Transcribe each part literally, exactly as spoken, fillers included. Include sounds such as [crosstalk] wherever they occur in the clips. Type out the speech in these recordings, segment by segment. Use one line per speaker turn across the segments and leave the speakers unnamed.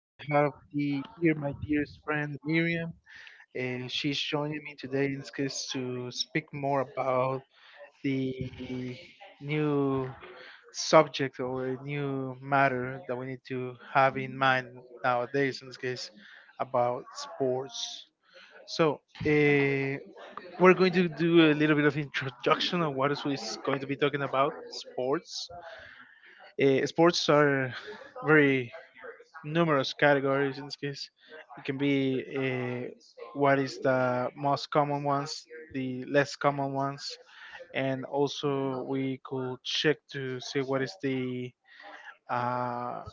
I have the, here my dearest friend Miriam. Uh, she's joining me today in this case to speak more about the new subject or a new matter that we need to have in mind nowadays, in this case, about sports. So, uh, we're going to do a little bit of introduction on what is we is going to be talking about sports uh, sports are very numerous categories in this case. It can be uh, what is the most common ones, the less common ones, and also we could check to see what is the uh,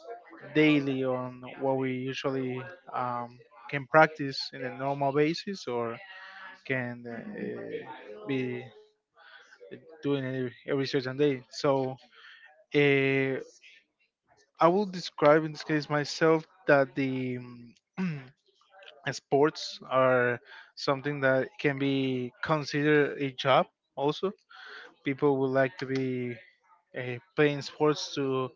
daily on what we usually um, can practice in a normal basis or can uh, be doing every, every certain day. So uh, I will describe in this case myself that the um, sports are something that can be considered a job. Also, people would like to be uh, playing sports to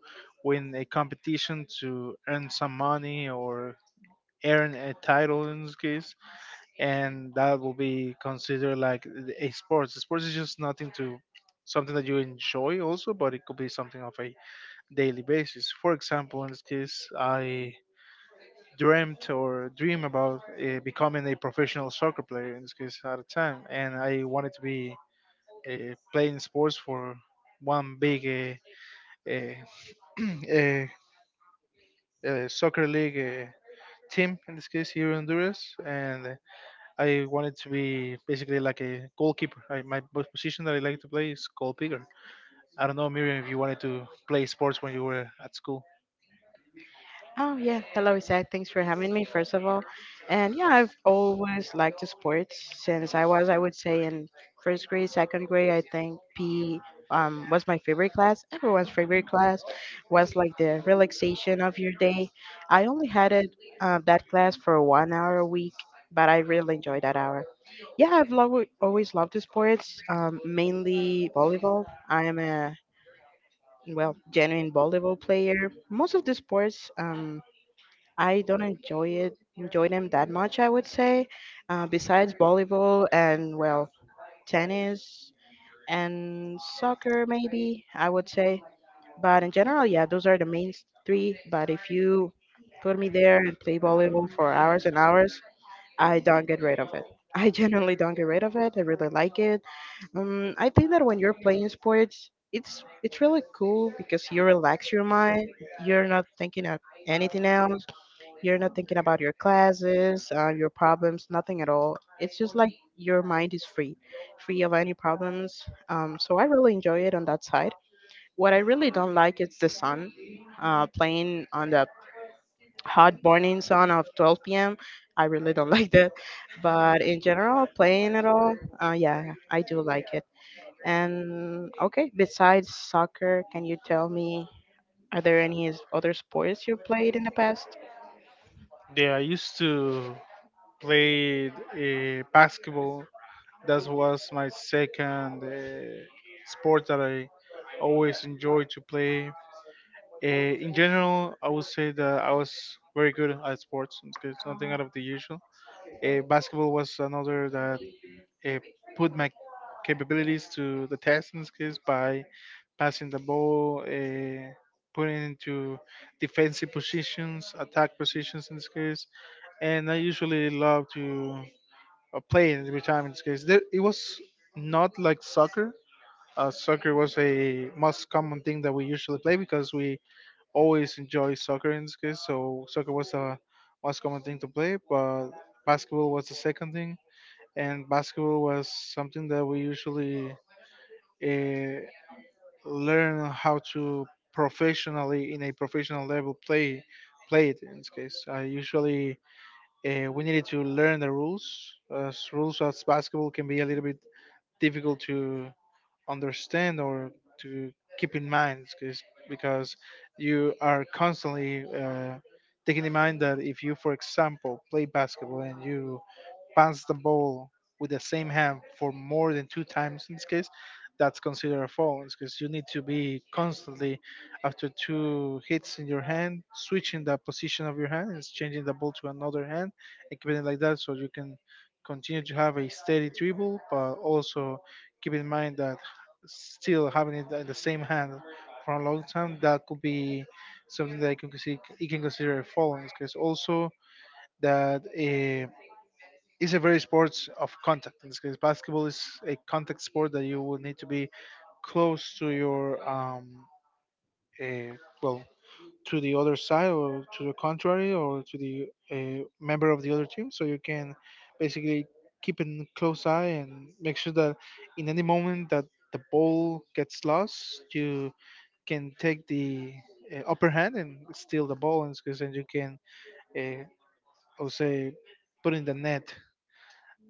win a competition to earn some money or earn a title in this case, and that will be considered like a sports sports is just nothing to something that you enjoy also, but it could be something of a daily basis. For example, in this case, I dreamt or dream about uh, becoming a professional soccer player in this case at a time, and I wanted to be uh, playing sports for one big uh, uh, [clears throat] uh, uh, soccer league uh, team in this case here in Honduras, and uh, I wanted to be basically like a goalkeeper. I, my po- position that I like to play is goalkeeper. I don't know, Miriam, if you wanted to play sports when you were at school.
Oh yeah, hello Isaac. Thanks for having me first of all. And yeah, I've always liked the sports since I was, I would say, in first grade, second grade. I think P um, was my favorite class. Everyone's favorite class was like the relaxation of your day. I only had it uh, that class for one hour a week, but I really enjoyed that hour. Yeah, I've lo- always loved the sports, um, mainly volleyball. I am a well genuine volleyball player. Most of the sports. Um, I don't enjoy it, enjoy them that much, I would say. Uh, besides volleyball and well, tennis and soccer, maybe I would say. But in general, yeah, those are the main s- three. But if you put me there and play volleyball for hours and hours, I don't get rid of it. [laughs] I genuinely don't get rid of it. I really like it. Um, I think that when you're playing sports, it's it's really cool because you relax your mind. You're not thinking of anything else. You're not thinking about your classes, uh, your problems, nothing at all. It's just like your mind is free, free of any problems. Um, so I really enjoy it on that side. What I really don't like is the sun uh, playing on the hot burning sun of twelve p m. I really don't [laughs] like that. But in general, playing at all, uh, yeah, I do like it. And okay, besides soccer, can you tell me are there any s- other sports you played in the past?
Yeah, I used to play uh, basketball. That was my second uh, sport that I always enjoy to play. Uh, in general, I would say that I was very good at sports. It's good- it's nothing out of the usual. Uh, basketball was another that uh, put my capabilities to the test in this case by passing the ball, uh, putting into defensive positions, attack positions in this case. And I usually love to uh, playing every time in this case. There, it was not like soccer. Uh, soccer was a most common thing that we usually play because we always enjoy soccer in this case. So soccer was the most common thing to play, but basketball was the second thing, and basketball was something that we usually uh, learn how to professionally in a professional level play play it in this case. I usually uh, we needed to learn the rules. Uh, s- rules of basketball can be a little bit difficult to understand or to keep in mind because because you are constantly uh, taking in mind that if you, for example, play basketball and you pass the ball with the same hand for more than two times in this case, that's considered a foul, because you need to be constantly, after two hits in your hand, switching the position of your hand, and changing the ball to another hand, and keeping it like that so you can continue to have a steady dribble, but also keep in mind that still having it in the same hand for a long time, that could be something that you can consider, you can consider a foul, because also that. Uh, is a very sports of contact. In this case, basketball is a contact sport that you will need to be close to your um, uh, well, to the other side, or to the contrary, or to the uh, member of the other team, so you can basically keep a close eye and make sure that in any moment that the ball gets lost, you can take the uh, upper hand and steal the ball, in this case, and you can, uh, I'll say, put in the net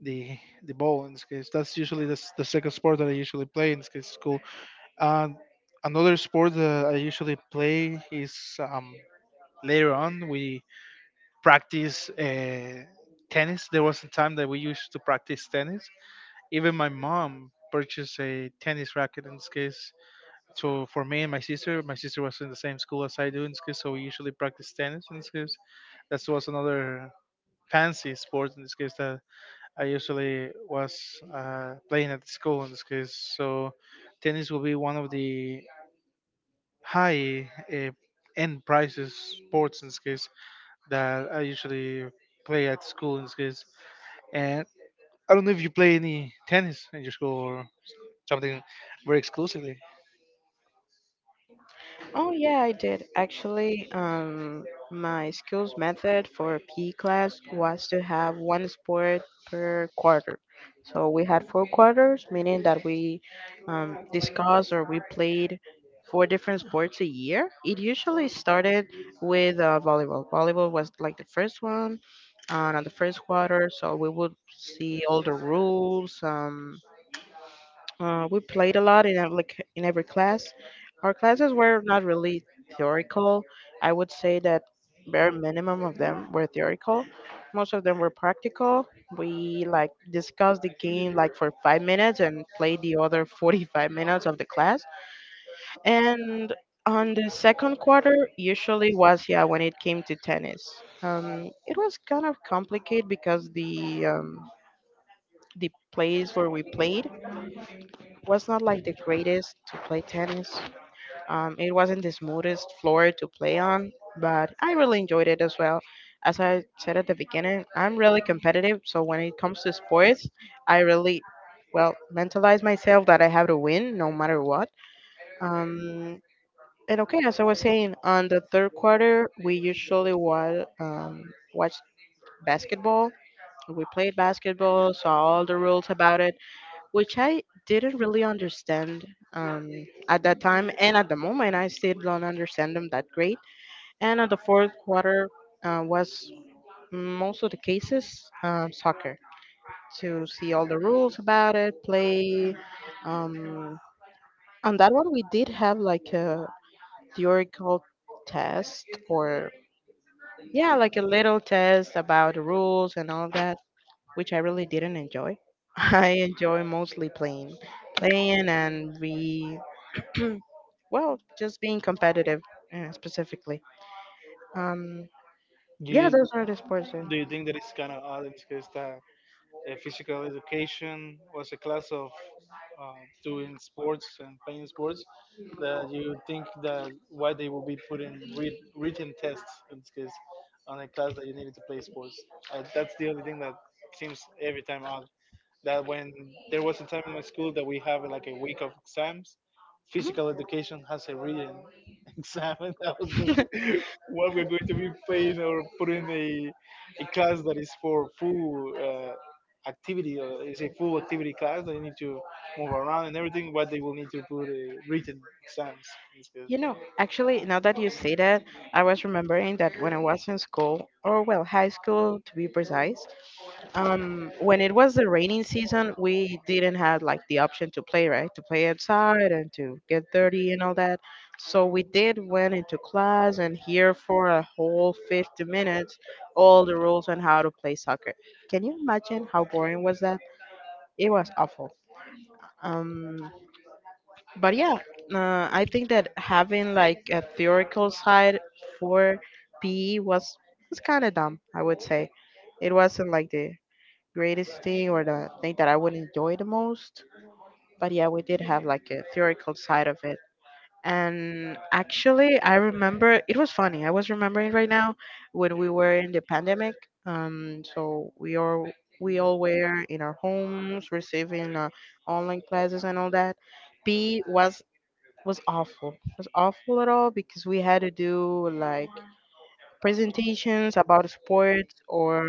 the the ball in this case. That's usually the, s- the second sport that I usually play in this case school. And another sport that I usually play is um, later on we practice uh, tennis. There was a time that we used to practice tennis. Even my mom purchased a tennis racket in this case. So for me and my sister, my sister was in the same school as I do in this case. So we usually practice tennis in this case. That was another fancy sport in this case that I usually was uh, playing at school in this case. So tennis will be one of the high uh, end prices sports in this case that I usually play at school in this case. And I don't know if you play any tennis in your school, or something very exclusively.
Oh yeah, I did. Actually, um, my school's method for P E class was to have one sport per quarter. So we had four quarters, meaning that we um, discussed or we played four different sports a year. It usually started with uh, volleyball. Volleyball was like the first one, uh, on the first quarter. So we would see all the rules. Um, uh, we played a lot in every, c- in every class. Our classes were not really theoretical. I would say that bare minimum of them were theoretical. Most of them were practical. We like discussed the game like for five minutes and played the other forty-five minutes of the class. And on the second quarter, usually was yeah when it came to tennis. Um, it was kind of complicated because the um, the place where we played was not like the greatest to play tennis. Um, it wasn't the smoothest floor to play on, but I really enjoyed it as well. As I said at the beginning, I'm really competitive, so when it comes to sports, I really, well, mentalize myself that I have to win no matter what. Um, and okay, as I was saying, on the third quarter, we usually wa- um, watch basketball. We played basketball, saw all the rules about it, which I didn't really understand um, at that time. And at the moment, I still don't understand them that great. And at the fourth quarter uh, was most of the cases um, soccer to see all the rules about it, play. Um, on that one, we did have like a theoretical test or yeah, like a little test about the rules and all that, which I really didn't enjoy. [laughs] I enjoy mostly playing playing and we Mm, well, just being competitive uh, specifically. Um,
Do
yeah,
You,
those are the sports. Uh,
do you think that it's kind of odd in this case that Uh, physical education was a class of uh, doing sports and playing sports, that you think that why they will be putting read, written tests in this case on a class that you needed to play sports. Uh, that's the only thing that seems every time odd, that when there was a time in my school that we have like a week of exams, physical education
mhm.
has a written [laughs] exam, and that was just
[laughs]
what we're going to be paying or putting a a class that is for full uh, activity, or is a full activity class that you need to move around and everything. But they will need to put a written exams. It's good.
You know, actually, now that you say that, I was remembering that when I was in school, or well, high school to be precise, um when it was the raining season, we didn't have like the option to play right to play outside and to get dirty and all that. So we did went into class and here for a whole fifty minutes all the rules on how to play soccer. Can you imagine how boring was that? It was awful. um but yeah, uh, I think that having like a theoretical side for PE was was kind of dumb, I would say. It wasn't like the greatest thing or the thing that I would enjoy the most. But yeah, we did have like a theoretical side of it. And actually, I remember it was funny. I was remembering right now when we were in the pandemic. Um, so we all we all were in our homes receiving uh, online classes and all that. P was was awful. Was awful at all because we had to do like presentations about sports or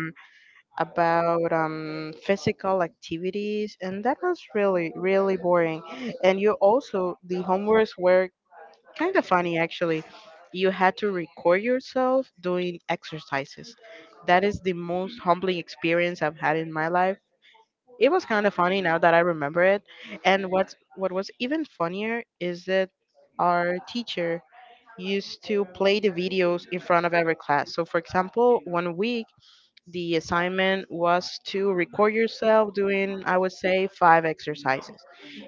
about um, physical activities, and that was really, really boring. And you also, the homeworks were kind of funny actually. You had to record yourself doing exercises. That is the most humbling experience I've had in my life. It was kind of funny now that I remember it. And what's, what was even funnier is that our teacher used to play the videos in front of every class. So, for example, one week the assignment was to record yourself doing, I would say, five exercises.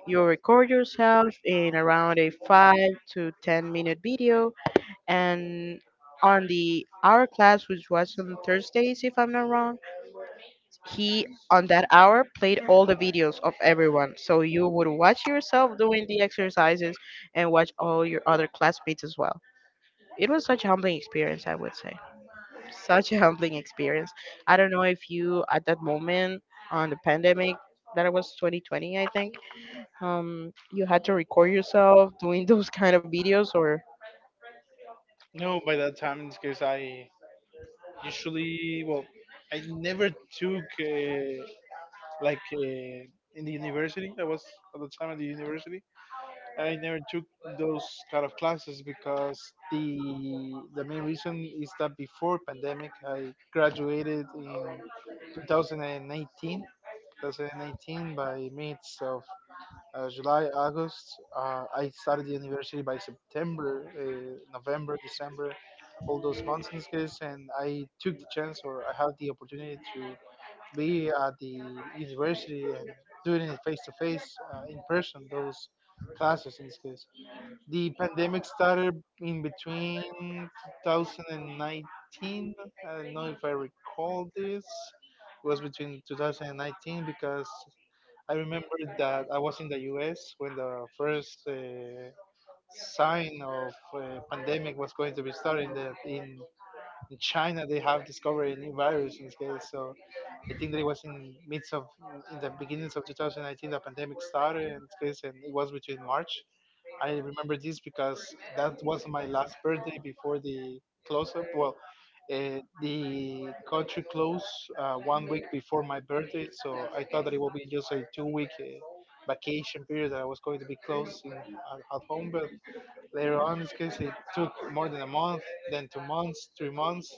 You'll record yourself in around a five to ten minute video. And on the hour class, which was on Thursdays, if I'm not wrong, he on that hour played all the videos of everyone. So you would watch yourself doing the exercises and watch all your other classmates as well. It was such a humbling experience, I would say such a humbling experience. I don't know if you at that moment on the pandemic that was two thousand twenty, I think. Um, you had to record yourself doing [laughs] those kind of videos or
No, by that time, because I usually well, I never took. Uh, like uh, in the university. I was at the time at the university. I never took those kind of classes because the the main reason is that before pandemic, I graduated in twenty eighteen. twenty eighteen by mids of uh, July, August. Uh, I started the university by September, uh, November, December, all those months in this case, and I took the chance or I had the opportunity to be at the university and doing it face to face, uh, in person those classes in this case. The pandemic started in between twenty nineteen. I don't know if I recall this. It was between two thousand nineteen, because I remember that I was in the U S when the first uh, sign of uh, pandemic was going to be starting, that in in China they have discovered a new virus in this case. So I think that it was in midst of in the beginnings of two thousand nineteen the pandemic started in this case, and it was between March. I remember this because that was my last birthday before the close up. Well, uh, the country closed uh, one week before my birthday, so I thought that it would be just a two week. Uh, vacation period that I was going to be closed in at, at home, but later on, in this case, it took more than a month, then two months, three months,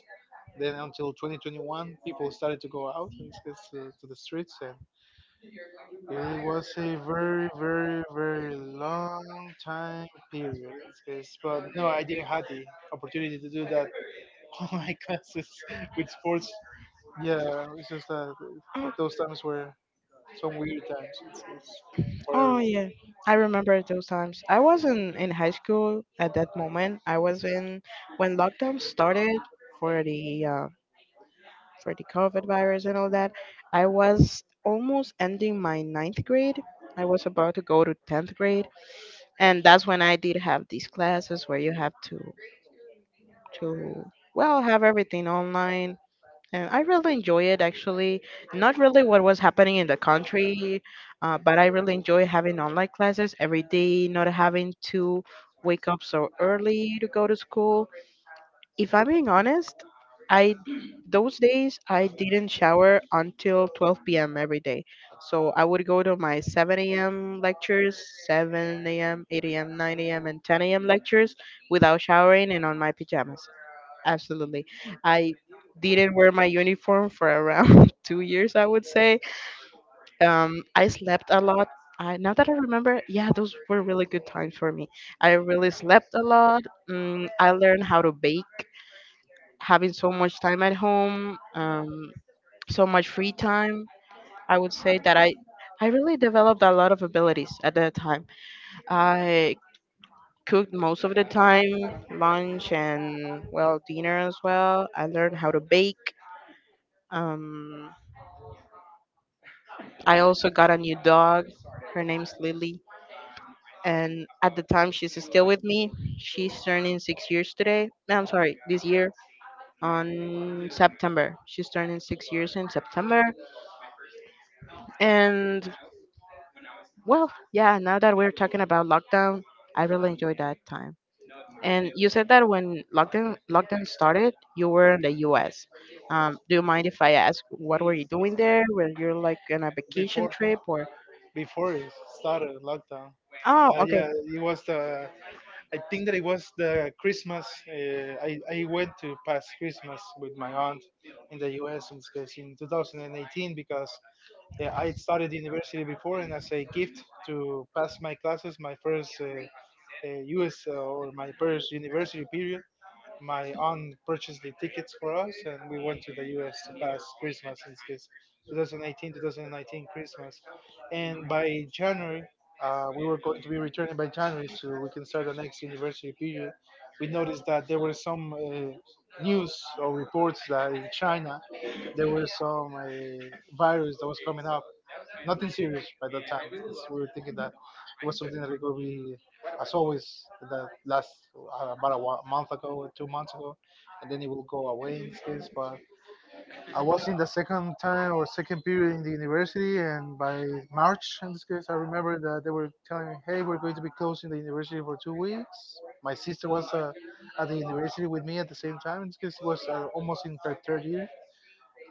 then until twenty twenty-one, people started to go out in this case to, to the streets, and it was a very, very, very long time period in this case. But no, I didn't have the opportunity to do that [laughs] on my classes with sports. Yeah, it's just that
oh,
those times were some weird times in this case for
oh
everyone.
yeah. I remember those times. I wasn't in high school at that moment. I was in when lockdown started for the uh, for the COVID virus and all that. I was almost ending my ninth grade. I was about to go to tenth grade, and that's when I did have these classes where you have to to well have everything online, and I really enjoy it actually, not really what was happening in the country. Uh, but I really enjoy having online classes every day, not having to wake up so early to go to school. If I'm being honest, I those days I didn't shower until twelve p m every day. So I would go to my seven a m lectures, seven a m, eight a m, nine a m, and ten a m lectures without showering and on my pajamas. Absolutely. I didn't wear my uniform for around [laughs] two years, I would say. Um, I slept a lot. I, now that I remember, yeah, those were really good times for me. I really slept a lot. Mm, I learned how to bake having so much time at home, um, so much free time, I would say that I, I really developed a lot of abilities at that time. I cooked most of the time, lunch and well dinner as well. I learned how to bake. Um, I also got a new dog. Her name's Lily, and at the time she's still with me. She's turning six years today. I'm sorry, this year on September. She's turning six years in September, and well, yeah, now that we're talking about lockdown, I really enjoyed that time. And you said that when lockdown lockdown started, you were in the U S. Um, do you mind if I ask what were you doing there? Were you like on a vacation
Before
trip or?
before it started lockdown.
Oh,
Uh,
okay.
yeah, it was the I think that it was the Christmas. Uh, I I went to pass Christmas with my aunt in the U S in, this case, in twenty eighteen, because uh, I started university before, and as a gift to pass my classes, my first uh, uh, U S or my first university period, my aunt purchased the tickets for us, and we went to the U S to pass Christmas in this twenty eighteen, twenty nineteen Christmas. And by January, uh, we were going to be returning by January, so we can start the next university period. We noticed that there were some uh, news or reports that in China there were some uh, virus that was coming up, nothing serious by that time because we were thinking that it was something that it could be as always, that last uh, about a wa- month ago, two months ago, and then it will go away in this case. But I was in the second time or second period in the university, and by March in this case I remember that they were telling me, hey, we're going to be closing the university for two weeks. My sister was uh, at the university with me at the same time in this case. It was uh, almost in her third year,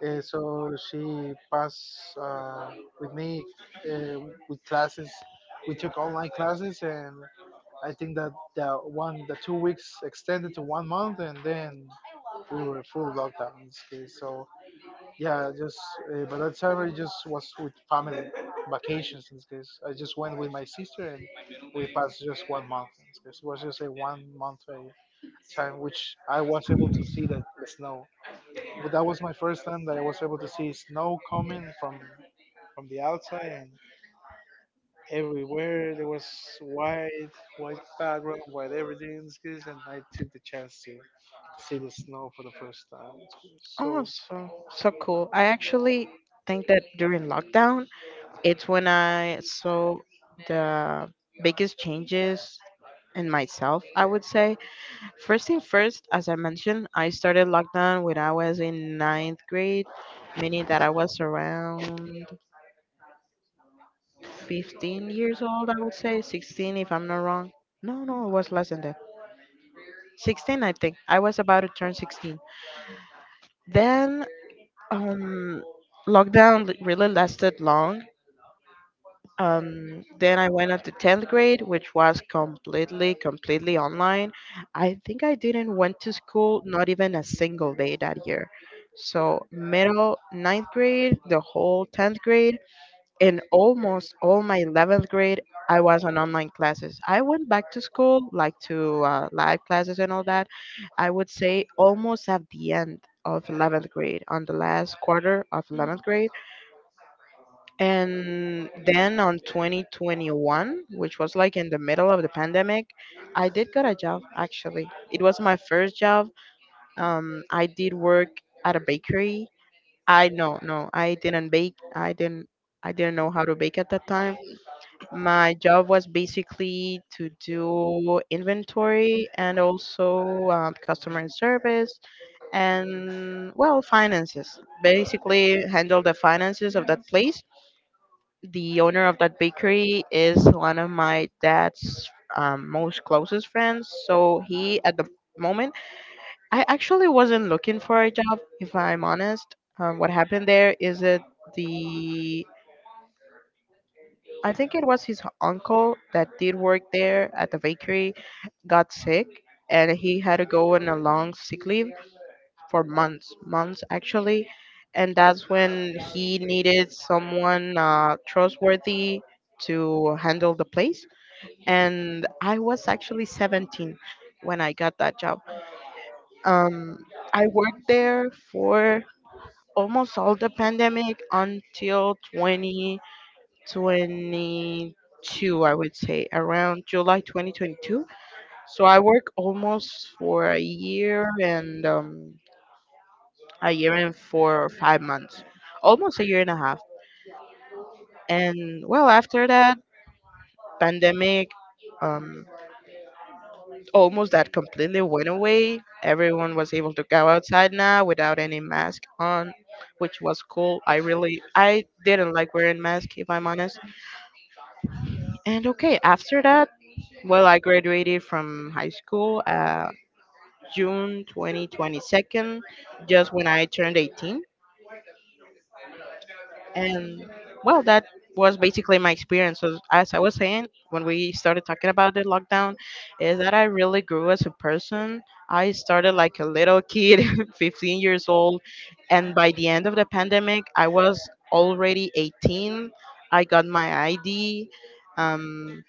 uh, so she passed uh, with me, uh, with classes. We took online classes, and I think that the one, the two weeks extended to one month, and then we were full lockdown in this case. So yeah, just uh, by that time I just was with family vacations in this case. I just went with my sister, and we passed just one month in this case. It was just a one month uh, time, which I was able to see the, the snow, but that was my first time that I was able to see snow coming from from the outside, and everywhere there was white, white background, white everything. It's good. And I took the chance to see the snow for the first time. It's good.
Oh,
So
so so cool. I actually think that during lockdown, it's when I saw the biggest changes in myself, I would say. First thing first, as I mentioned, I started lockdown when I was in ninth grade, meaning that I was around fifteen years old, I would say, sixteen if I'm not wrong. No, no, it was less than that. sixteen, I think. I was about to turn sixteen. Then, um, lockdown li- really lasted long. Um, then I went up to tenth grade, which was completely, completely online. I think I didn't went to school not even a single day that year. So middle, ninth grade, the whole tenth grade, and almost all my eleventh grade, I was on online classes. I went back to school, like to uh, live classes and all that. I would say almost at the end of eleventh grade, on the last quarter of eleventh grade. And then on twenty twenty-one, which was like in the middle of the pandemic, I did get a job actually. It was my first job. Um, I did work at a bakery. I no, No, I didn't bake. I didn't I didn't know how to bake at that time. My job was basically to do inventory and also um, customer service and well, finances. Basically handle the finances of that place. The owner of that bakery is one of my dad's um, most closest friends. So he, at the moment, I actually wasn't looking for a job, if I'm honest. Um, what happened there is it the I think it was his uncle that did work there at the bakery got sick, and he had to go on a long sick leave for months, months actually. And that's when he needed someone uh, trustworthy to handle the place. And I was actually seventeen when I got that job. Um, I worked there for almost all the pandemic until twenty twenty-two, I would say, around July twenty twenty-two. So I worked almost for a year and um, a year and four or five months, almost a year and a half. And well, after that pandemic, um, almost that completely went away. Everyone was able to go outside now without any mask on, which was cool. I really, I didn't like wearing mask if I'm honest. And okay, after that, well, I graduated from high school uh, June twenty twenty-two, just when I turned eighteen. And well, that was basically my experience. So as I was saying, when we started talking about the lockdown, is that I really grew as a person. I started like a little kid, [laughs] fifteen years old, and by the end of the pandemic, I was already eighteen. I got my I D, um,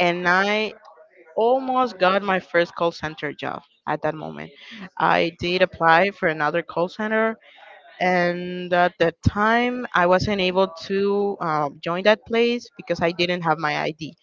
and I almost got my first call center job at that moment. I did apply for another call center, and at that time I wasn't able to uh, join that place because I didn't have my ID.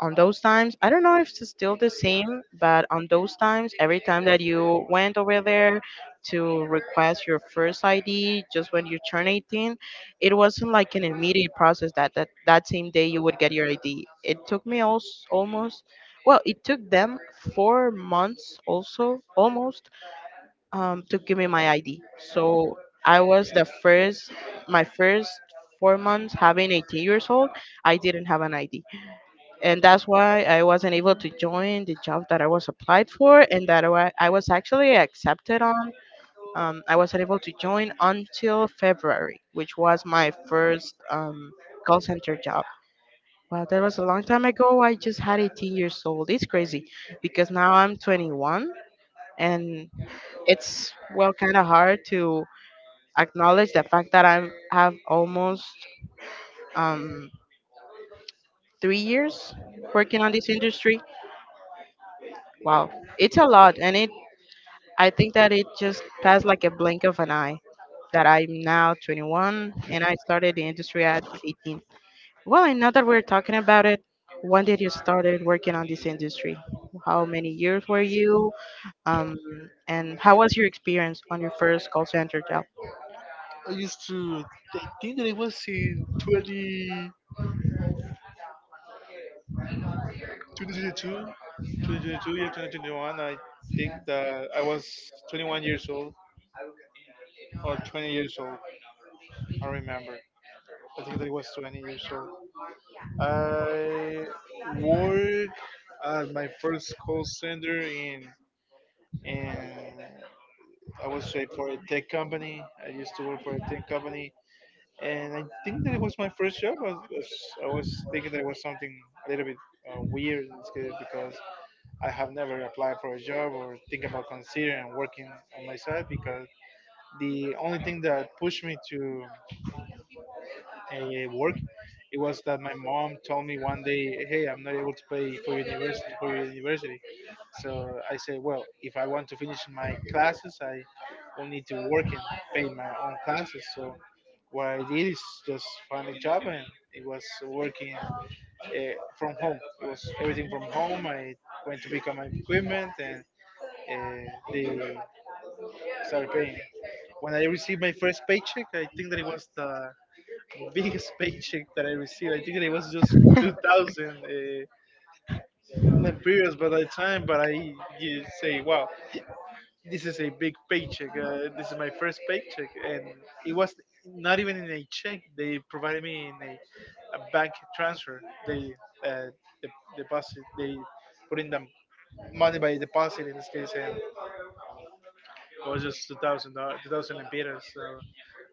On those times, I don't know if it's still the same, but on those times, every time that you went over there to request your first ID just when you turn eighteen, it wasn't like an immediate process that that, that same day you would get your ID. It took me also almost, well, it took them four months also almost, um, to give me my I D. So I was the first, my first four months having eighteen years old, I didn't have an I D. And that's why I wasn't able to join the job that I was applied for and that I wa- I was actually accepted on. Um, I wasn't able to join until February, which was my first um, call center job. Well, that was a long time ago. I just had eighteen years old. It's crazy because now I'm twenty-one, and it's well kind of hard to acknowledge the fact that I have almost um, three years working on this industry. Wow, it's a lot, and it I think that it just passed like a blink of an eye. That I'm now twenty-one, and I started the industry at eighteen. Well, and now that we're talking about it, when did you started working on this industry? How many years were you? Um, and how was your experience on your first call center job?
I used to I think that it was in twenty twenty twenty-two, twenty twenty-two, yeah, two thousand twenty-one. I think that I was twenty-one years old or twenty years old. I remember. I think that I was twenty years old. I work at my first call center in in I was uh, for a tech company. I used to work for a tech company, and I think that it was my first job. I was, I was thinking that it was something a little bit uh, weird in this case, because I have never applied for a job or think about considering working on my side, because the only thing that pushed me to uh, work. It was that my mom told me one day, "Hey, I'm not able to pay for university for your university." So I said, "Well, if I want to finish my classes, I will need to work and pay my own classes." So what I did is just find a job, and it was working uh, from home. It was everything from home. I went to pick up my equipment, and uh, they started paying. When I received my first paycheck, I think that it was the biggest [laughs] paycheck that I received. I think it was just two thousand uh, lempiras by that time. But I, you say, wow, this is a big paycheck. Uh, this is my first paycheck, and it was not even in a check. They provided me in a, a bank transfer. They uh, the deposit. They put in the money by deposit in this case, and it was just two thousand two thousand lempiras. So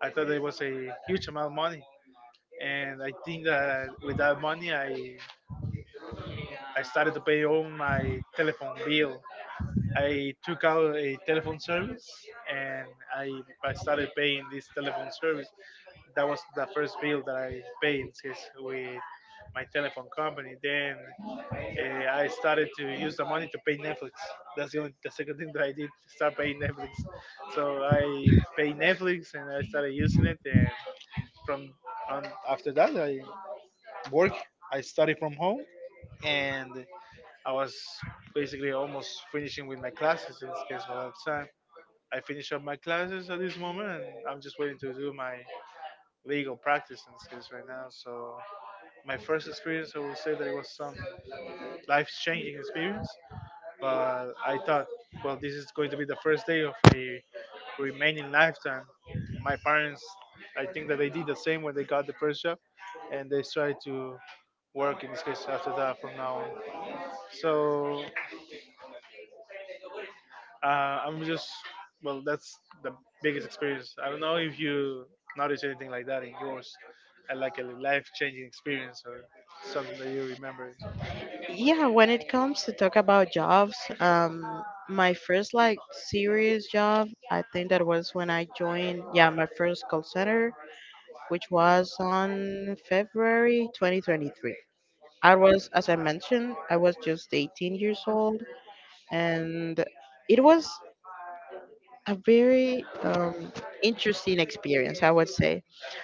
I thought it was a huge amount of money, and I think that with that money, I I started to pay all my telephone bill. I took out a telephone service, and I, I started paying this telephone service. That was the first bill that I paid since, with my telephone company. Then uh, I started to use the money to pay Netflix. That's the only the second thing that I did, start paying Netflix. So I paid Netflix and I started using it. And from on, after that, I work. I study from home, and I was basically almost finishing with my classes in this case by that time. I finished up my classes at this moment, and I'm just waiting to do my legal practice in this case right now. So my first experience, I will say that it was some life-changing experience. But I thought, well, this is going to be the first day of a remaining lifetime. My parents, I think that they did the same when they got the first job, and they tried to work in this case after that from now on. So, Uh, I'm just well, that's the biggest experience. I don't know if you notice anything like that in yours, uh, like a life changing experience or something that you remember.
Yeah, when it comes to talk about jobs, um, my first like serious job, I think that was when I joined, yeah, my first call center, which was on February twenty twenty-three. I was, as I mentioned, I was just eighteen years old, and it was a very um, interesting experience, I would say.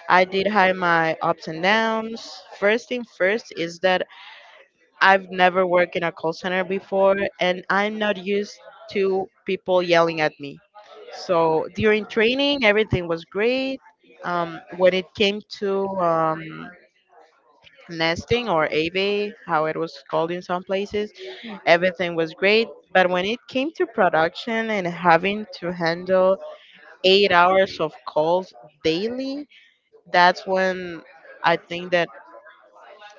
I did have my ups and downs. First thing first is that I've never worked in a call center before, and I'm not used to people yelling at me. So during training, everything was great. Um, when it came to um, nesting or A V, how it was called in some places, everything was great. But when it came to production and having to handle eight hours of calls daily, that's when I think that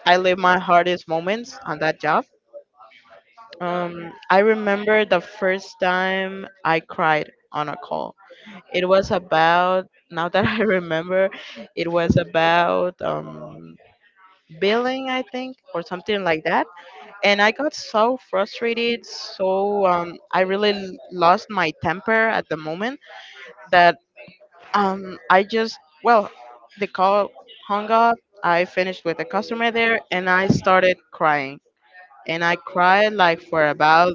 I live my hardest moments on that job. Um, I remember the first time I cried on a call. It was about, now that [laughs] I remember, it was about um, billing, I think, or something like that. And I got so frustrated, so um, I really l- lost my temper at the moment that um, I just, well, the call hung up. I finished with the customer there and I started crying. And I cried like for about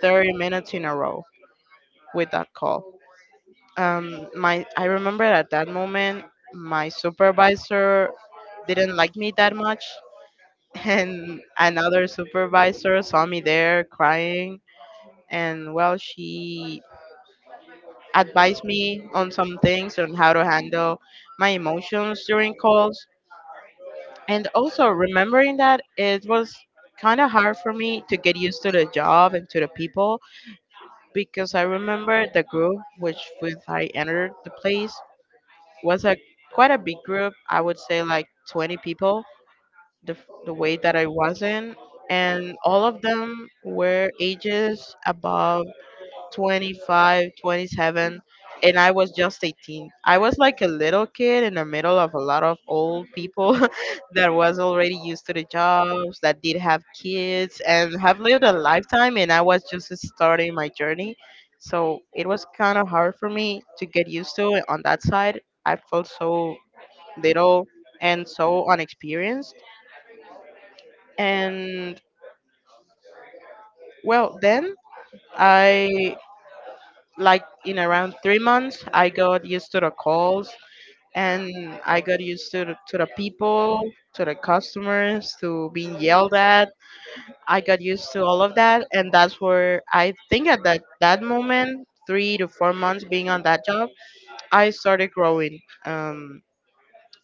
thirty minutes in a row with that call. Um, my I remember at that moment my supervisor didn't like me that much, [laughs] and another supervisor saw me there crying, and well, she advised me on some things on how to handle my emotions during calls, and also remembering that it was kind of hard for me to get used to the job and to the people because I remember the group which with I entered the place was a quite a big group. I would say like twenty people. The f- the way that I was in, and all of them were ages above twenty-five, twenty-seven, and I was just eighteen. I was like a little kid in the middle of a lot of old people [laughs] that was already used to the jobs, that did have kids and have lived a lifetime, and I was just starting my journey. So it was kind of hard for me to get used to it on that side. I felt so little and so unexperienced. And well, then I, like in around three months, I got used to the calls, and I got used to the, to the people, to the customers, to being yelled at. I got used to all of that, and that's where I think at that that moment, three to four months being on that job, I started growing um,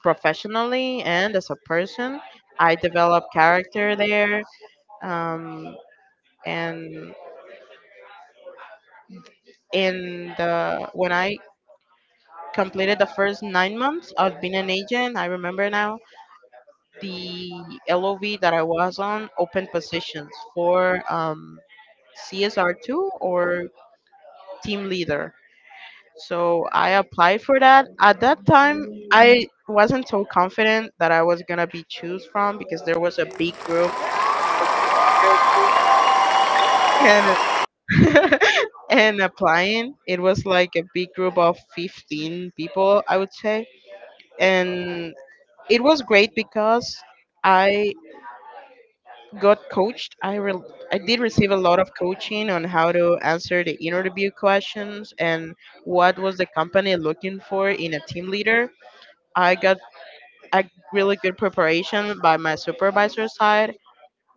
professionally and as a person. I developed character there, um, and in the when I completed the first nine months of being an agent, I remember now the L O V that I was on open positions for um, C S R two or team leader. So I applied for that. At that time, I wasn't so confident that I was gonna be choose from because there was a big group and [laughs] and applying. It was like a big group of fifteen people, I would say, and it was great because I got coached. I re- I did receive a lot of coaching on how to answer the interview questions and what was the company looking for in a team leader. I got a really good preparation by my supervisor side.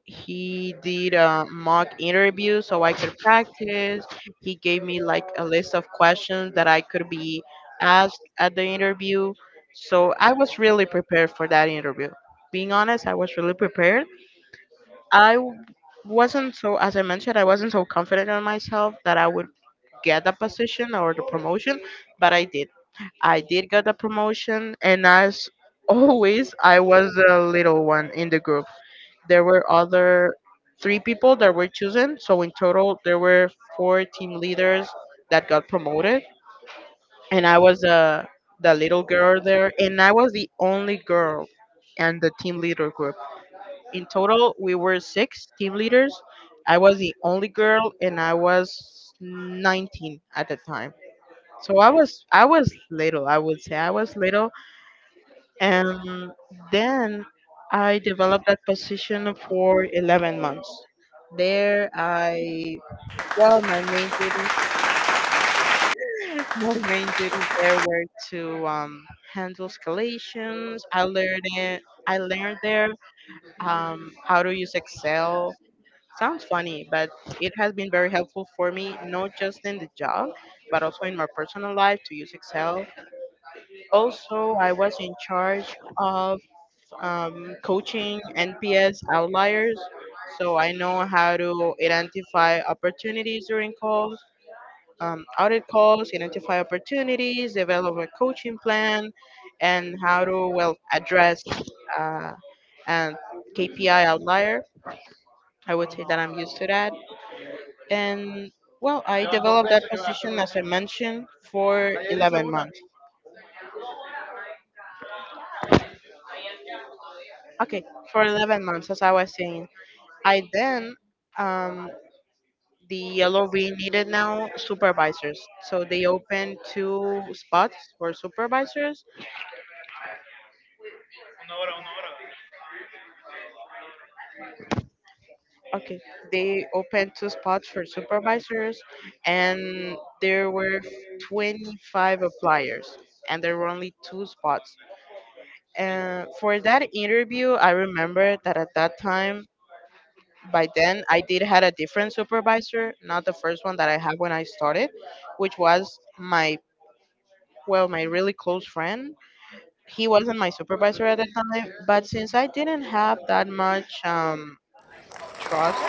He did a mock interview so I could practice. He gave me like a list of questions that I could be asked at the interview. So I was really prepared for that interview. Being honest, I was really prepared. I w- wasn't so, as I mentioned, I wasn't so confident in myself that I would get the position or the promotion, but I did. I did get the promotion, and as [laughs] always, I was the little one in the group. There were other three people that were chosen, so in total, there were four team leaders that got promoted, and I was the the little girl there, and I was the only girl in the team leader group. In total, we were six team leaders. I was the only girl, and I was nineteen at the time. So i was I was little, I would say I was little. And then I developed that position for eleven months there. I well my main duty [laughs] My main duty there were to um, handle escalations. i learned it I learned there um, how to use Excel. Sounds funny, but it has been very helpful for me, not just in the job, but also in my personal life to use Excel. Also, I was in charge of um, coaching N P S outliers, so I know how to identify opportunities during calls, um, audit calls, identify opportunities, develop a coaching plan, and how to well address uh, and K P I outlier. I would say that I'm used to that. And well, I developed that position as I mentioned for eleven months. Okay, for eleven months, as I was saying. I then, um, the L O V needed now supervisors. So they opened two spots for supervisors. Okay, they opened two spots for supervisors, and there were twenty-five appliers, and there were only two spots. And for that interview, I remember that at that time, by then I did had a different supervisor, not the first one that I had when I started, which was my well, my really close friend. He wasn't my supervisor at the time, but since I didn't have that much um, trust,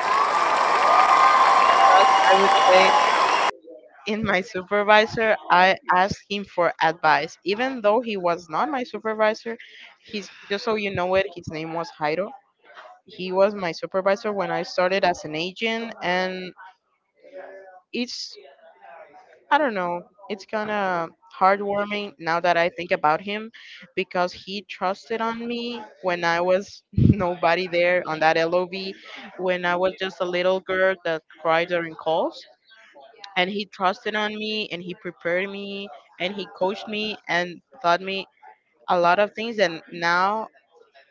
trust I would say in my supervisor, I asked him for advice, even though he was not my supervisor. He's just so you know it, his name was Jairo. He was my supervisor when I started as an agent, and it's I don't know. It's kind of heartwarming now that I think about him because he trusted on me when I was [laughs] nobody there on that L O V, when I was just a little girl that cried during calls. And he trusted on me, and he prepared me, and he coached me and taught me a lot of things. And now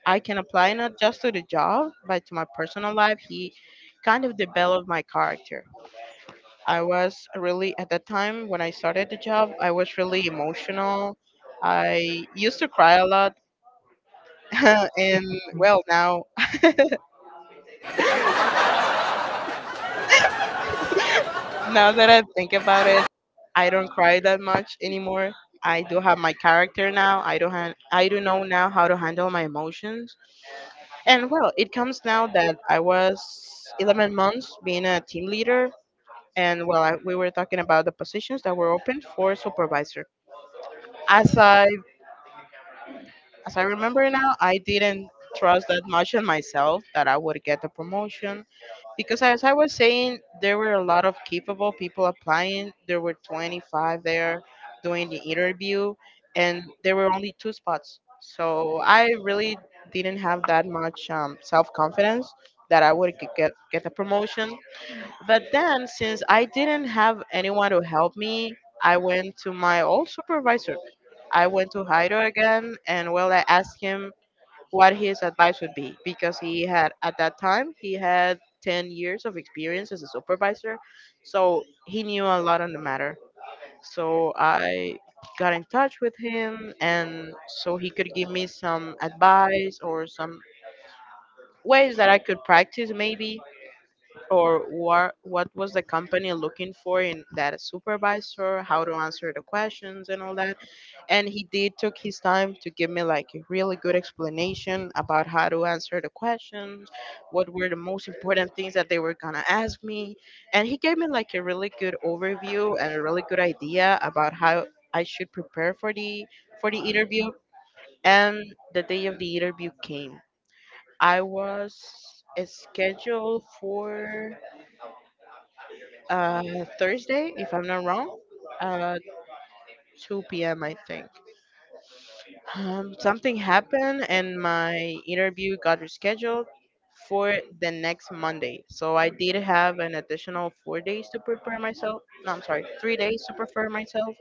I can apply not just to the job, but to my personal life. He kind of developed my character. I was really, at that time when I started the job, I was really emotional. I used to cry a lot. [laughs] and well, now, [laughs] now that I think about it, I don't cry that much anymore. I do have my character now. I don't have, I do know now how to handle my emotions. And well, it comes now that I was eleven months being a team leader. And well, I, we were talking about the positions that were open for supervisor. As I As I remember now, I didn't trust that much in myself that I would get the promotion because as I was saying, there were a lot of capable people applying. There were twenty-five there doing the interview, and there were only two spots. So I really didn't have that much um, self confidence that I would g- get get the promotion. But then, since I didn't have anyone to help me, I went to my old supervisor. I went to Haido again, and well, I asked him what his advice would be because he had, at that time, he had ten years of experience as a supervisor, so he knew a lot on the matter. So I got in touch with him, and so he could give me some advice or some ways that I could practice maybe, or what what was the company looking for in that supervisor, how to answer the questions and all that. And he did took his time to give me like a really good explanation about how to answer the questions, what were the most important things that they were going to ask me. And he gave me like a really good overview and a really good idea about how I should prepare for the for the interview. And the day of the interview came. I was scheduled for uh, Thursday, if I'm not wrong, uh, two p m. I think. Um, something happened and my interview got rescheduled for the next Monday. So I did have an additional four days to prepare myself. No, I'm sorry, three days to prepare myself,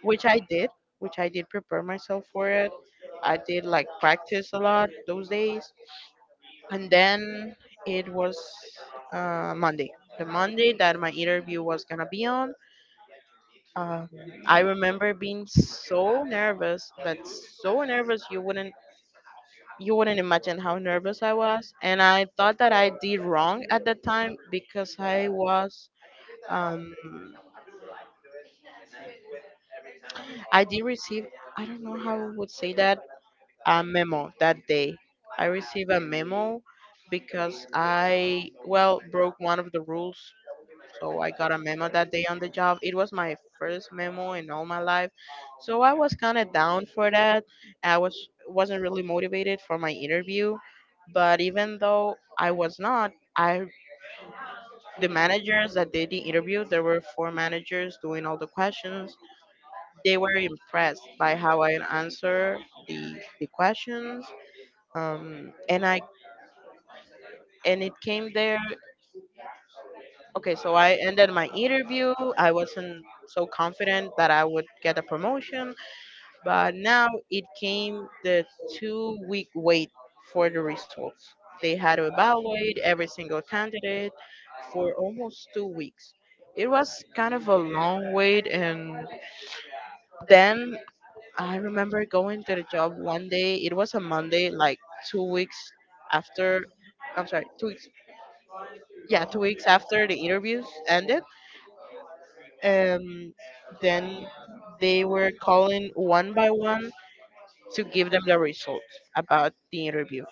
which I did, which I did prepare myself for it. I did like practice a lot those days. And then it was uh, Monday, the Monday that my interview was going to be on. Um, I remember being so nervous, but so nervous you wouldn't, you wouldn't imagine how nervous I was. And I thought that I did wrong at the time because I was, um, I did receive, I don't know how I would say that, a memo that day. I received a memo because I well broke one of the rules. So I got a memo that day on the job. It was my first memo in all my life. So I was kind of down for that. I was wasn't really motivated for my interview, but even though I was not, I the managers that did the interview, there were four managers doing all the questions. They were impressed by how I answer the the questions. Um and I and it came there Okay, so I ended my interview. I wasn't so confident that I would get a promotion, but now it came the two week wait for the results. They had to evaluate every single candidate for almost two weeks. It was kind of a long wait, and then I remember going to the job one day. It was a Monday, like two weeks after. I'm sorry, two weeks. Yeah, two weeks after the interviews ended. Um, then they were calling one by one to give them the results about the interview.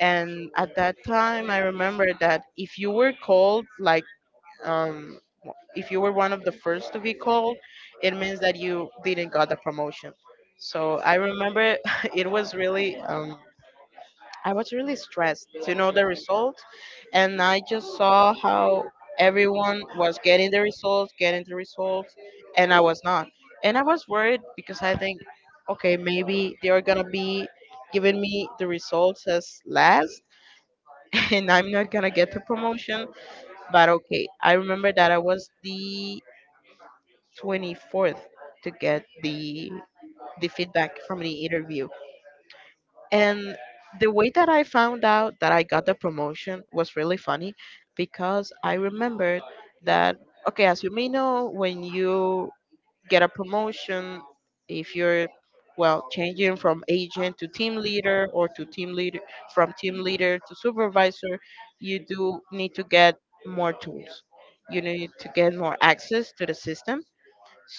And at that time, I remember that if you were called, like, um, if you were one of the first to be called, it means that you didn't got the promotion. So I remember [laughs] it was really um, I was really stressed to know the result, and I just saw how everyone was getting the results, getting the results, and I was not. And I was worried because I think, okay, maybe they are gonna be giving me the results as last, [laughs] and I'm not gonna get the promotion. But okay, I remember that I was the twenty-fourth to get the the feedback from the interview. And the way that I found out that I got the promotion was really funny because I remembered that, okay, as you may know, when you get a promotion, if you're, well, changing from agent to team leader, or to team leader, from team leader to supervisor, you do need to get more tools. You need to get more access to the system.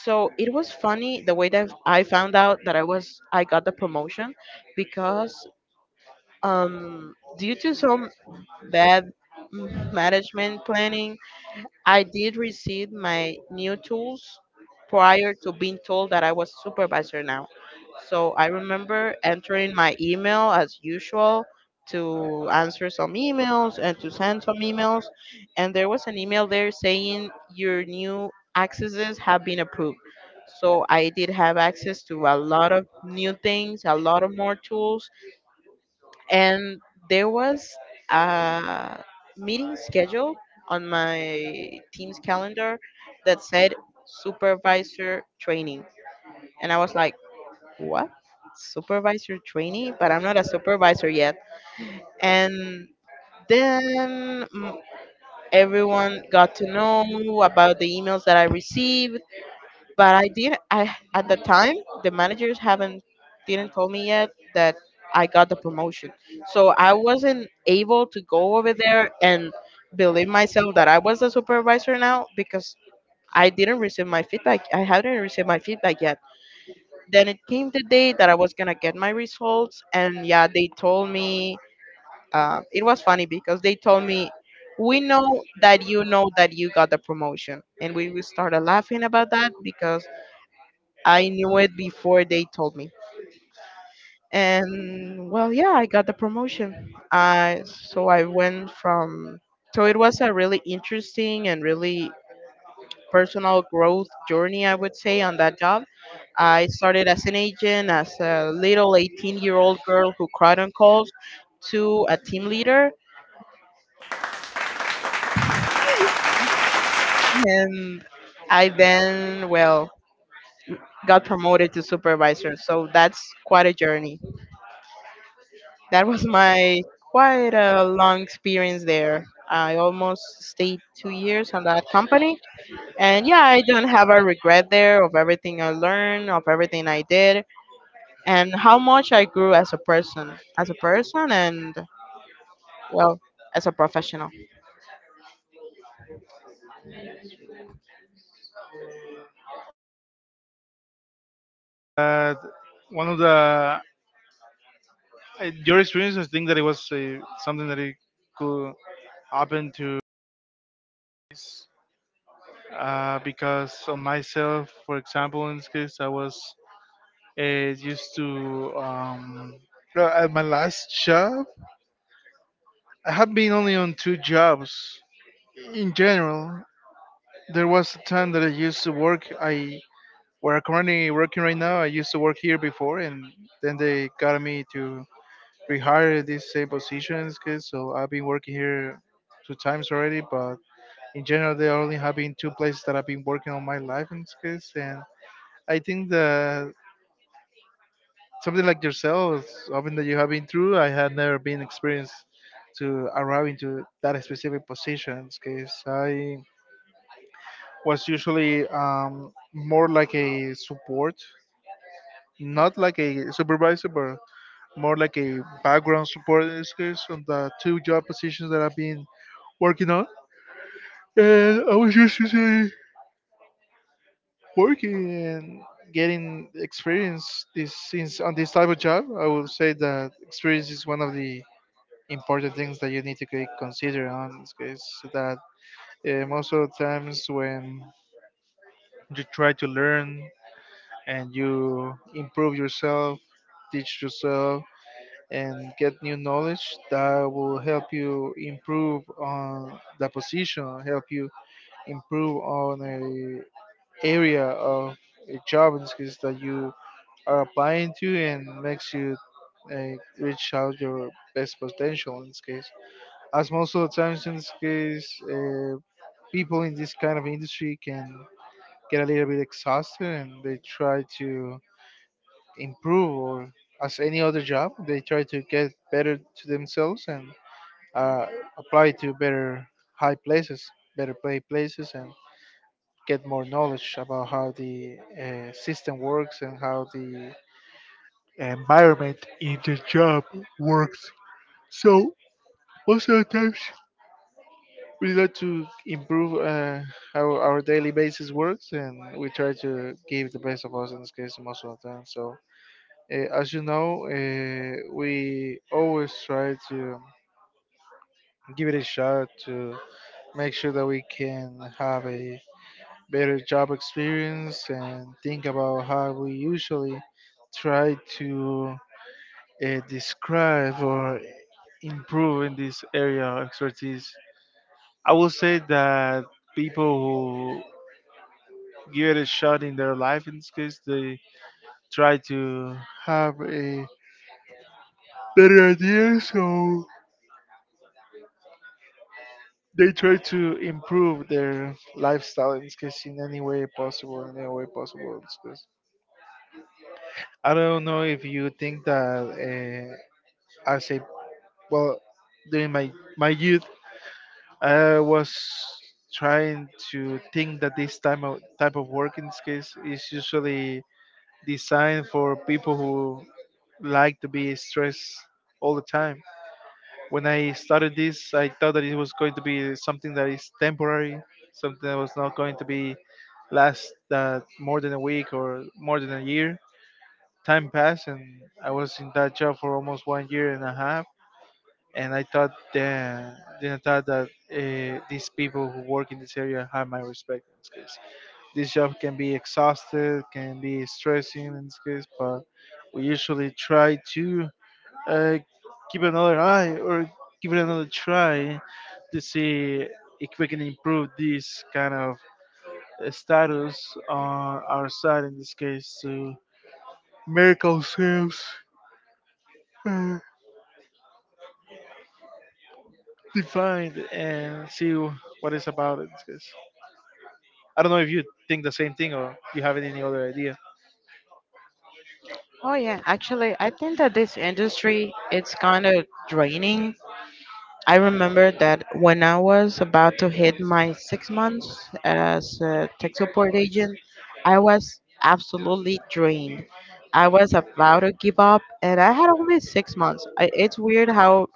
So it was funny the way that I found out that I was I got the promotion because um, due to some bad mm, management planning, I did receive my new tools prior to being told that I was supervisor now. So I remember entering my email as usual to answer some emails and to send some emails. And there was an email there saying your new accesses have been approved. So I did have access to a lot of new things, a lot of more tools, and there was a meeting scheduled on my team's calendar that said supervisor training. And I was like, what? Supervisor training, but I'm not a supervisor yet. And then mm, everyone got to know about the emails that I received. But I did. I at the time, the managers haven't didn't tell me yet that I got the promotion, so I wasn't able to go over there and believe myself that I was the supervisor now because I didn't receive my feedback. I hadn't received my feedback yet. Then it came the day that I was gonna get my results, and yeah, they told me. Uh, it was funny because they told me, "We know that you know that you got the promotion," and we we started laughing about that because I knew it before they told me. And well, yeah, I got the promotion. I so I went from So it was a really interesting and really personal growth journey, I would say, on that job. I started as an agent, as a little eighteen year old girl who cried on calls, to a team leader. And I then, well, got promoted to supervisor. So that's quite a journey. That was my quite a long experience there. I almost stayed two years on that company. And yeah, I don't have a regret there of everything I learned, of everything I did, and how much I grew as a person, as a person, and well, as a professional.
But one of the uh, your experience, I think that it was uh, something that it could happen to case, uh, because on myself, for example, in this case, I was uh, used to, um, no, at my last job. I have been only on two jobs in general. There was a time that I used to work. I Where I'm currently working right now. I used to work here before, and then they got me to rehire this same position in this case. So I've been working here two times already, but in general, there only have been two places that I've been working on my life in this case, and I think that something like yourself, something that you have been through, I had never been experienced to arriving to that specific position, because I was usually, um, more like a support, not like a supervisor, but more like a background support in this case on the two job positions that I've been working on. And I was used to say, working and getting experience this since on this type of job. I would say that experience is one of the important things that you need to c- consider on this case, that uh, most of the times when you try to learn and you improve yourself, teach yourself, and get new knowledge that will help you improve on the position, help you improve on a area of a job in this case that you are applying to, and makes you uh, reach out your best potential in this case, as most of the times in this case, uh, people in this kind of industry can get a little bit exhausted, and they try to improve or, as any other job, they try to get better to themselves and uh, apply to better high places, better play places, and get more knowledge about how the uh, system works and how the environment in the job works. So most of the times, we like to improve uh, how our daily basis works, and we try to give the best of us in this case most of the time. So uh, as you know, uh, we always try to give it a shot to make sure that we can have a better job experience, and think about how we usually try to uh, describe or improve in this area of expertise. I will say that people give it a shot in their life in this case. They try to have a better idea, so they try to improve their lifestyle in this case in any way possible in any way possible in this case. I don't know if you think that, uh, as a well, during my my youth, I was trying to think that this type of type of work in this case is usually designed for people who like to be stressed all the time. When I started this, I thought that it was going to be something that is temporary, something that was not going to be last, uh, more than a week or more than a year. Time passed, and I was in that job for almost one year and a half. And I thought then, then I thought that uh, these people who work in this area have my respect in this case. This job can be exhausted, can be stressing in this case, but we usually try to uh, give another eye or give it another try to see if we can improve this kind of uh, status on our side in this case, to make ourselves uh, defined and see what is about it. in this case. I don't know if you think the same thing or you have any other idea.
Oh yeah, actually, I think that this industry it's kind of draining. I remember that when I was about to hit my six months as a tech support agent, I was absolutely drained. I was about to give up, and I had only six months. I, it's weird how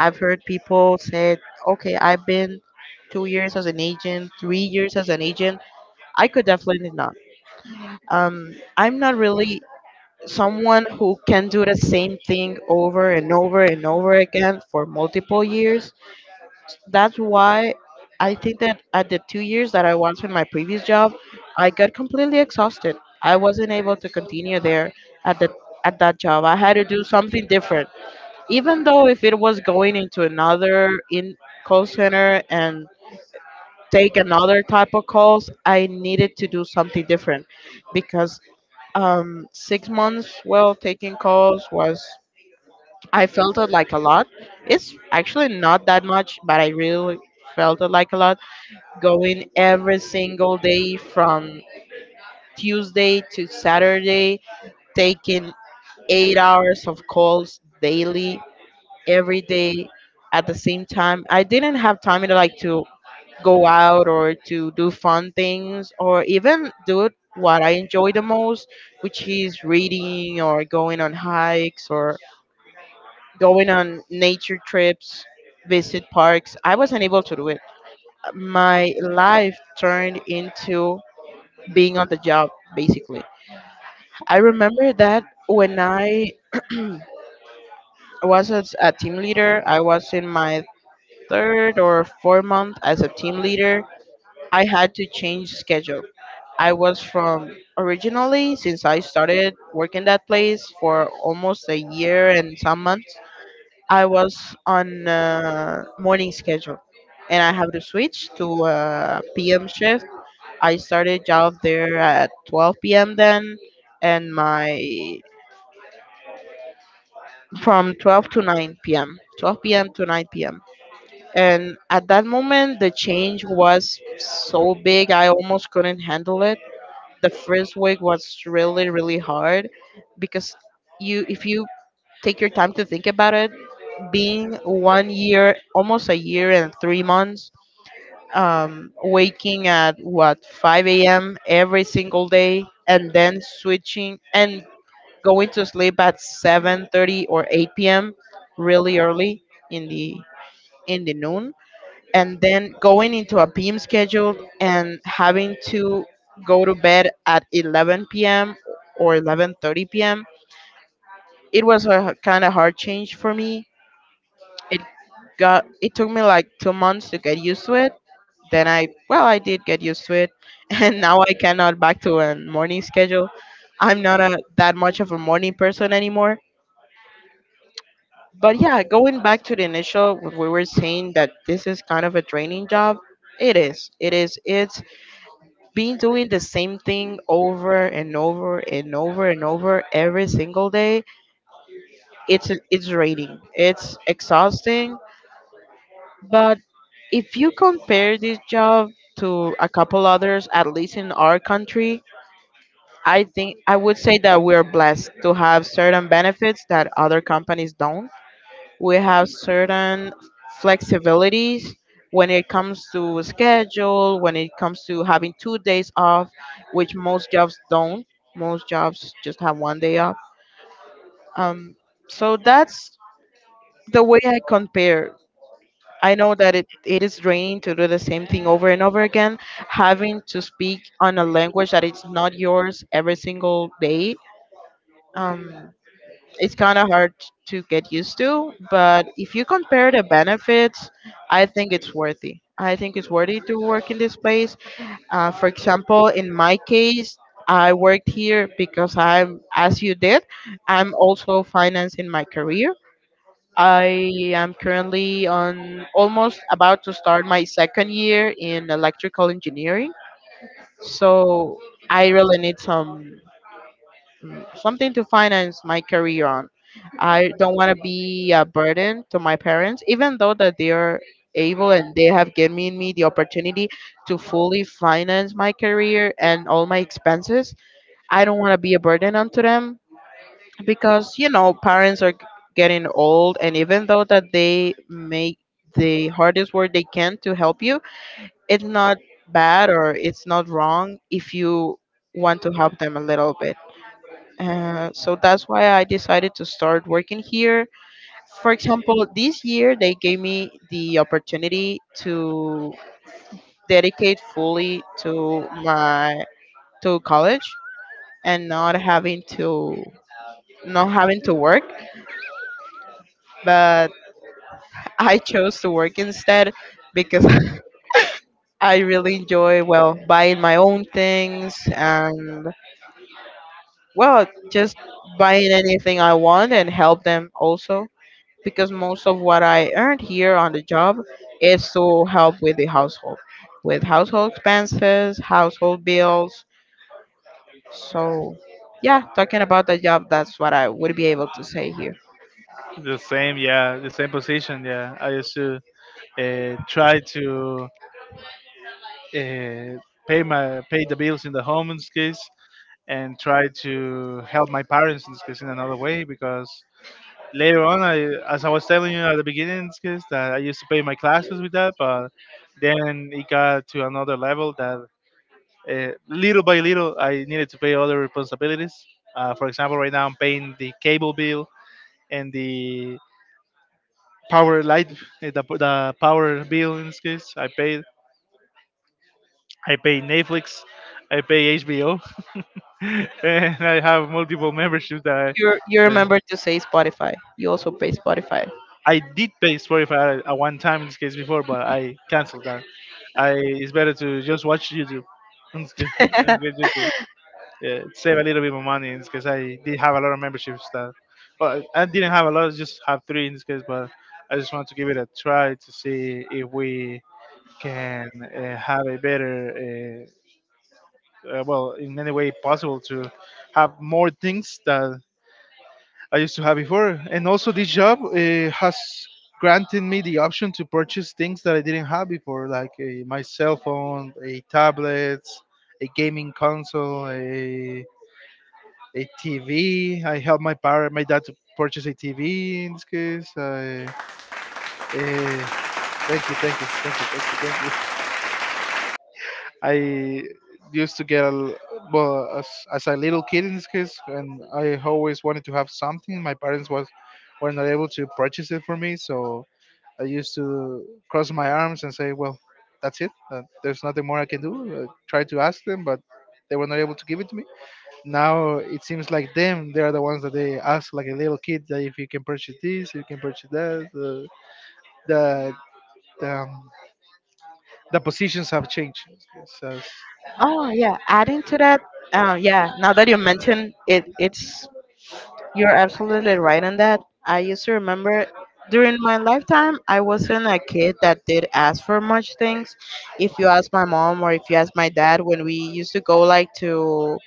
I've heard people say, okay, I've been two years as an agent, three years as an agent. I could definitely not. Um, I'm not really someone who can do the same thing over and over and over again for multiple years. That's why I think that at the two years that I was in my previous job, I got completely exhausted. I wasn't able to continue there at the at that job. I had to do something different, even though if it was going into another in call center and take another type of calls, I needed to do something different because um, six months well taking calls was, I felt it like a lot. It's actually not that much, but I really felt it like a lot, going every single day from Tuesday to Saturday, taking eight hours of calls daily, every day at the same time. I didn't have time to like to go out or to do fun things or even do what I enjoy the most, which is reading or going on hikes or going on nature trips, visit parks. I wasn't able to do it. My life turned into being on the job basically. I remember that when I was as a team leader, I was in my third or fourth month as a team leader, I had to change schedule. I was from originally, since I started working that place for almost a year and some months, I was on uh, morning schedule, and I have to switch to a pm shift. I started job there at twelve p.m then, and my from twelve to nine p m twelve p m to nine p m. And at that moment, the change was so big, I almost couldn't handle it. The first week was really, really hard because you, if you take your time to think about it, being one year, almost a year and three months, um, waking at what five a m every single day, and then switching and going to sleep at seven thirty or eight p m, really early in the in the noon, and then going into a P M schedule and having to go to bed at eleven p m or eleven thirty p m. It was a kind of hard change for me. It got it took me like two months to get used to it. Then I well I did get used to it [laughs] and now I cannot back to a morning schedule. I'm not a that much of a morning person anymore. But yeah, going back to the initial, what we were saying, that this is kind of a draining job. It is. It is. It's been doing the same thing over and over and over and over every single day. It's it's draining. It's exhausting. But if you compare this job to a couple others, at least in our country, I think I would say that we're blessed to have certain benefits that other companies don't. We have certain flexibilities when it comes to schedule, when it comes to having two days off, which most jobs don't. Most jobs just have one day off. Um, so that's the way I compare. I know that it, it is draining to do the same thing over and over again, having to speak on a language that is not yours every single day. Um, it's kind of hard to get used to, but if you compare the benefits, I think it's worthy. I think it's worthy to work in this place. Uh, for example, in my case, I worked here because I'm, as you did, I'm also financing my career. I am currently on almost about to start my second year in electrical engineering. So I really need some something to finance my career on. I don't want to be a burden to my parents, even though that they are able and they have given me the opportunity to fully finance my career and all my expenses. I don't want to be a burden onto them because you know parents are getting old, and even though that they make the hardest work they can to help you, it's not bad or it's not wrong if you want to help them a little bit. Uh, so that's why I decided to start working here. For example, this year they gave me the opportunity to dedicate fully to my to college and not having to not having to work, but I chose to work instead because [laughs] I really enjoy, well, buying my own things and, well, just buying anything I want and help them also because most of what I earned here on the job is to help with the household, with household expenses, household bills. So, yeah, talking about the job, that's what I would be able to say here.
The same, yeah, the same position, yeah. I used to uh, try to uh, pay my pay the bills in the home in this case, and try to help my parents in this case in another way, because later on, I as I was telling you at the beginning in this case, that I used to pay my classes with that, but then it got to another level that uh, little by little, I needed to pay other responsibilities. Uh, for example, right now I'm paying the cable bill and the power light, eh, the, the power bill in this case. I paid. I pay Netflix. I pay H B O, [laughs] and I have multiple memberships that
You you
I. eh,
remember to say Spotify. You also pay Spotify.
I did pay Spotify at one time in this case before, but I canceled that. I It's better to just watch YouTube [laughs] and
[laughs]
get YouTube. Yeah, save a little bit more money in this case. I did have a lot of memberships that, well, I didn't have a lot. Just have three in this case, but I just want to give it a try to see if we can uh, have a better, uh, uh, well, in any way possible, to have more things that I used to have before. And also, this job uh, has granted me the option to purchase things that I didn't have before, like a, my cell phone, a tablet, a gaming console, a, a T V. I helped my parent, my dad, to purchase a T V in this case. I, uh, Thank you, thank you, thank you, thank you, thank you. I used to get a l- well, as, as, a little kid in this case, and I always wanted to have something my parents was were not able to purchase it for me, so I used to cross my arms and say, "Well, that's it. Uh, "there's nothing more I can do." Uh, try to ask them, but they were not able to give it to me. Now it seems like them. They are the ones that they ask, like a little kid, that if you can purchase this, you can purchase that. Uh, the the, um, the positions have changed. So,
Oh yeah, adding to that, uh, yeah. Now that you mentioned it, it's You're absolutely right on that. I used to remember during my lifetime, I wasn't a kid that did ask for much things. If you ask my mom or if you ask my dad, when we used to go like to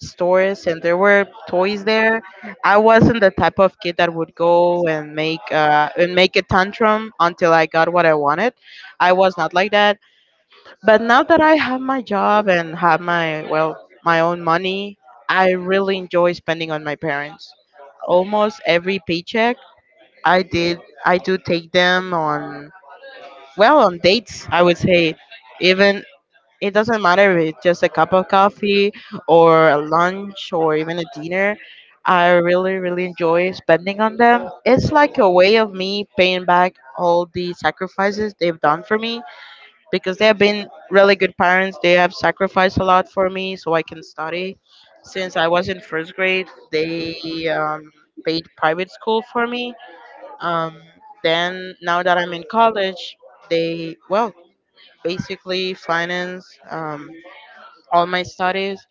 stores and there were toys there, I wasn't the type of kid that would go and make uh, and make a tantrum until I got what I wanted. I was not like that. But now that I have my job and have my well my own money, I really enjoy spending on my parents. Almost every paycheck, I did I do take them, on well on dates. I would say, even, it doesn't matter if it's just a cup of coffee or a lunch or even a dinner. I really, really enjoy spending on them. It's like a way of me paying back all the sacrifices they've done for me because they have been really good parents. They have sacrificed a lot for me so I can study. Since I was in first grade, they um, paid private school for me. Um, then now that I'm in college, they, well, basically finance um, all my studies,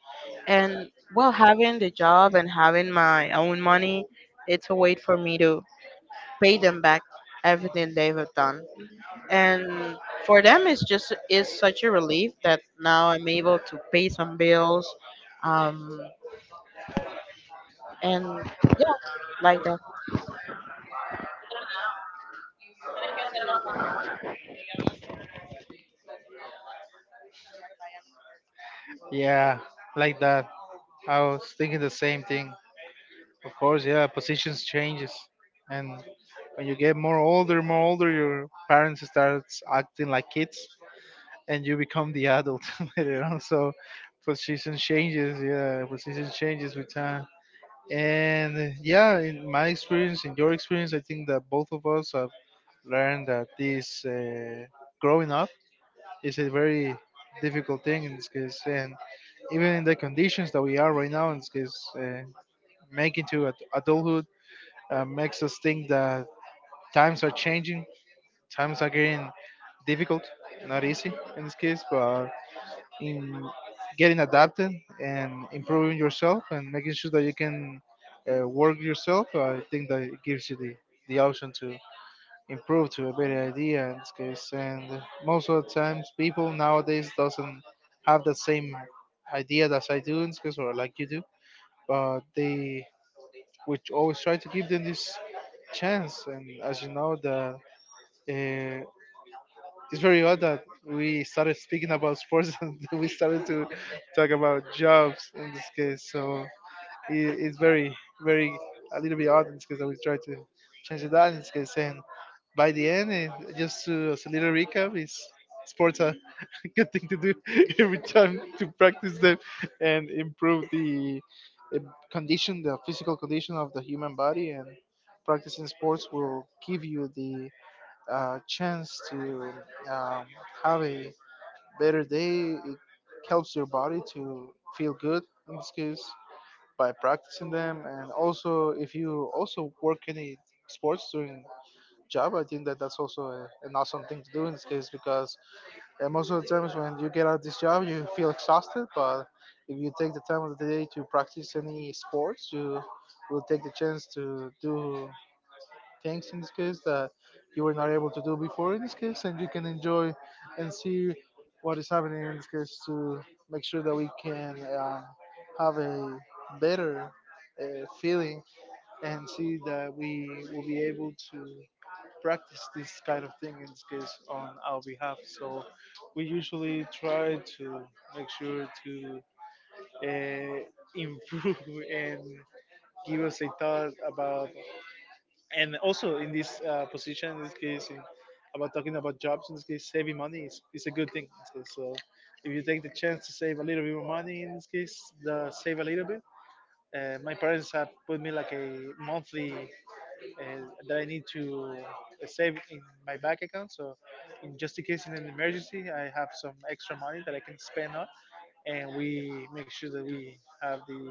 and, well, having the job and having my own money, it's a way for me to pay them back everything they have done, and for them it's just is such a relief that now I'm able to pay some bills, um and yeah, like that.
yeah, like that. I was thinking the same thing. Of course, yeah, positions changes, and when you get more older, more older, your parents starts acting like kids and you become the adult [laughs] later on. So position changes, yeah, position changes with time. And yeah, in my experience, in your experience, I think that both of us have learned that this uh, growing up is a very difficult thing in this case, and even in the conditions that we are right now in this case, uh, making to ad- adulthood uh, makes us think that times are changing, times are getting difficult, not easy in this case, but in getting adapted and improving yourself and making sure that you can uh, work yourself. I think that it gives you the, the option to improve to a better idea in this case. And most of the times, people nowadays doesn't have the same idea as I do in this case, or like you do, but they which always try to give them this chance. And as you know, that. uh, it's very odd that we started speaking about sports [laughs] and we started to talk about jobs in this case. So it, it's very, very a little bit odd in this case that we try to change it out in this case. And by the end, it, just to, as a little recap, is sports are [laughs] a good thing to do [laughs] every time to practice them and improve the uh, condition, the physical condition of the human body and practicing sports will give you the uh, chance to um, have a better day. It helps your body to feel good in this case by practicing them. And also, if you also work any sports during job, I think that that's also a, an awesome thing to do in this case because uh, most of the times when you get out of this job, you feel exhausted. But if you take the time of the day to practice any sports, you will take the chance to do things in this case that you were not able to do before in this case, and you can enjoy and see what is happening in this case to make sure that we can um, have a better uh, feeling and see that we will be able to practice this kind of thing in this case on our behalf. So we usually try to make sure to uh, [laughs] improve and give us a thought about and also in this uh, position in this case in, about talking about jobs in this case saving money is, is a good thing in this case. So if you take the chance to save a little bit more money in this case the save a little bit uh, my parents have put me like a monthly uh, that I need to uh, save in my bank account so in just in case in an emergency I have some extra money that I can spend on and we make sure that we have the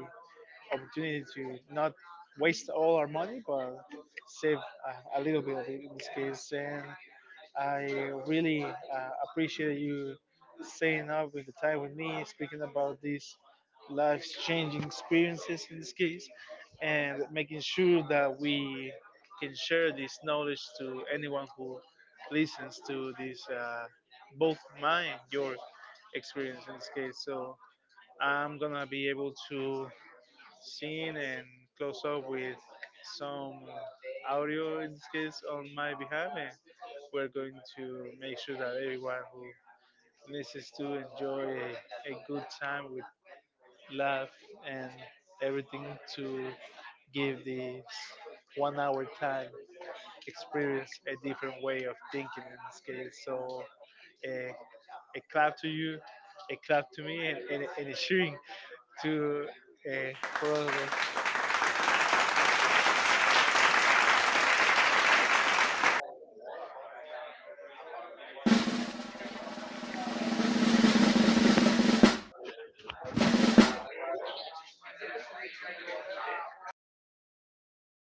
opportunity to not waste all our money, but save a, a little bit of it in this case. And I really uh, appreciate you staying up with the time with me, speaking about these life-changing experiences in this case, and making sure that we can share this knowledge to anyone who listens to this, uh, both mine, your experience in this case. So I'm gonna be able to seen and close up with some audio in this case on my behalf and we're going to make sure that everyone who listens to enjoy a, a good time with laugh and everything to give this one hour time experience a different way of thinking in this case so a a clap to you, a clap to me, and, and, and a cheering to uh, for all of us.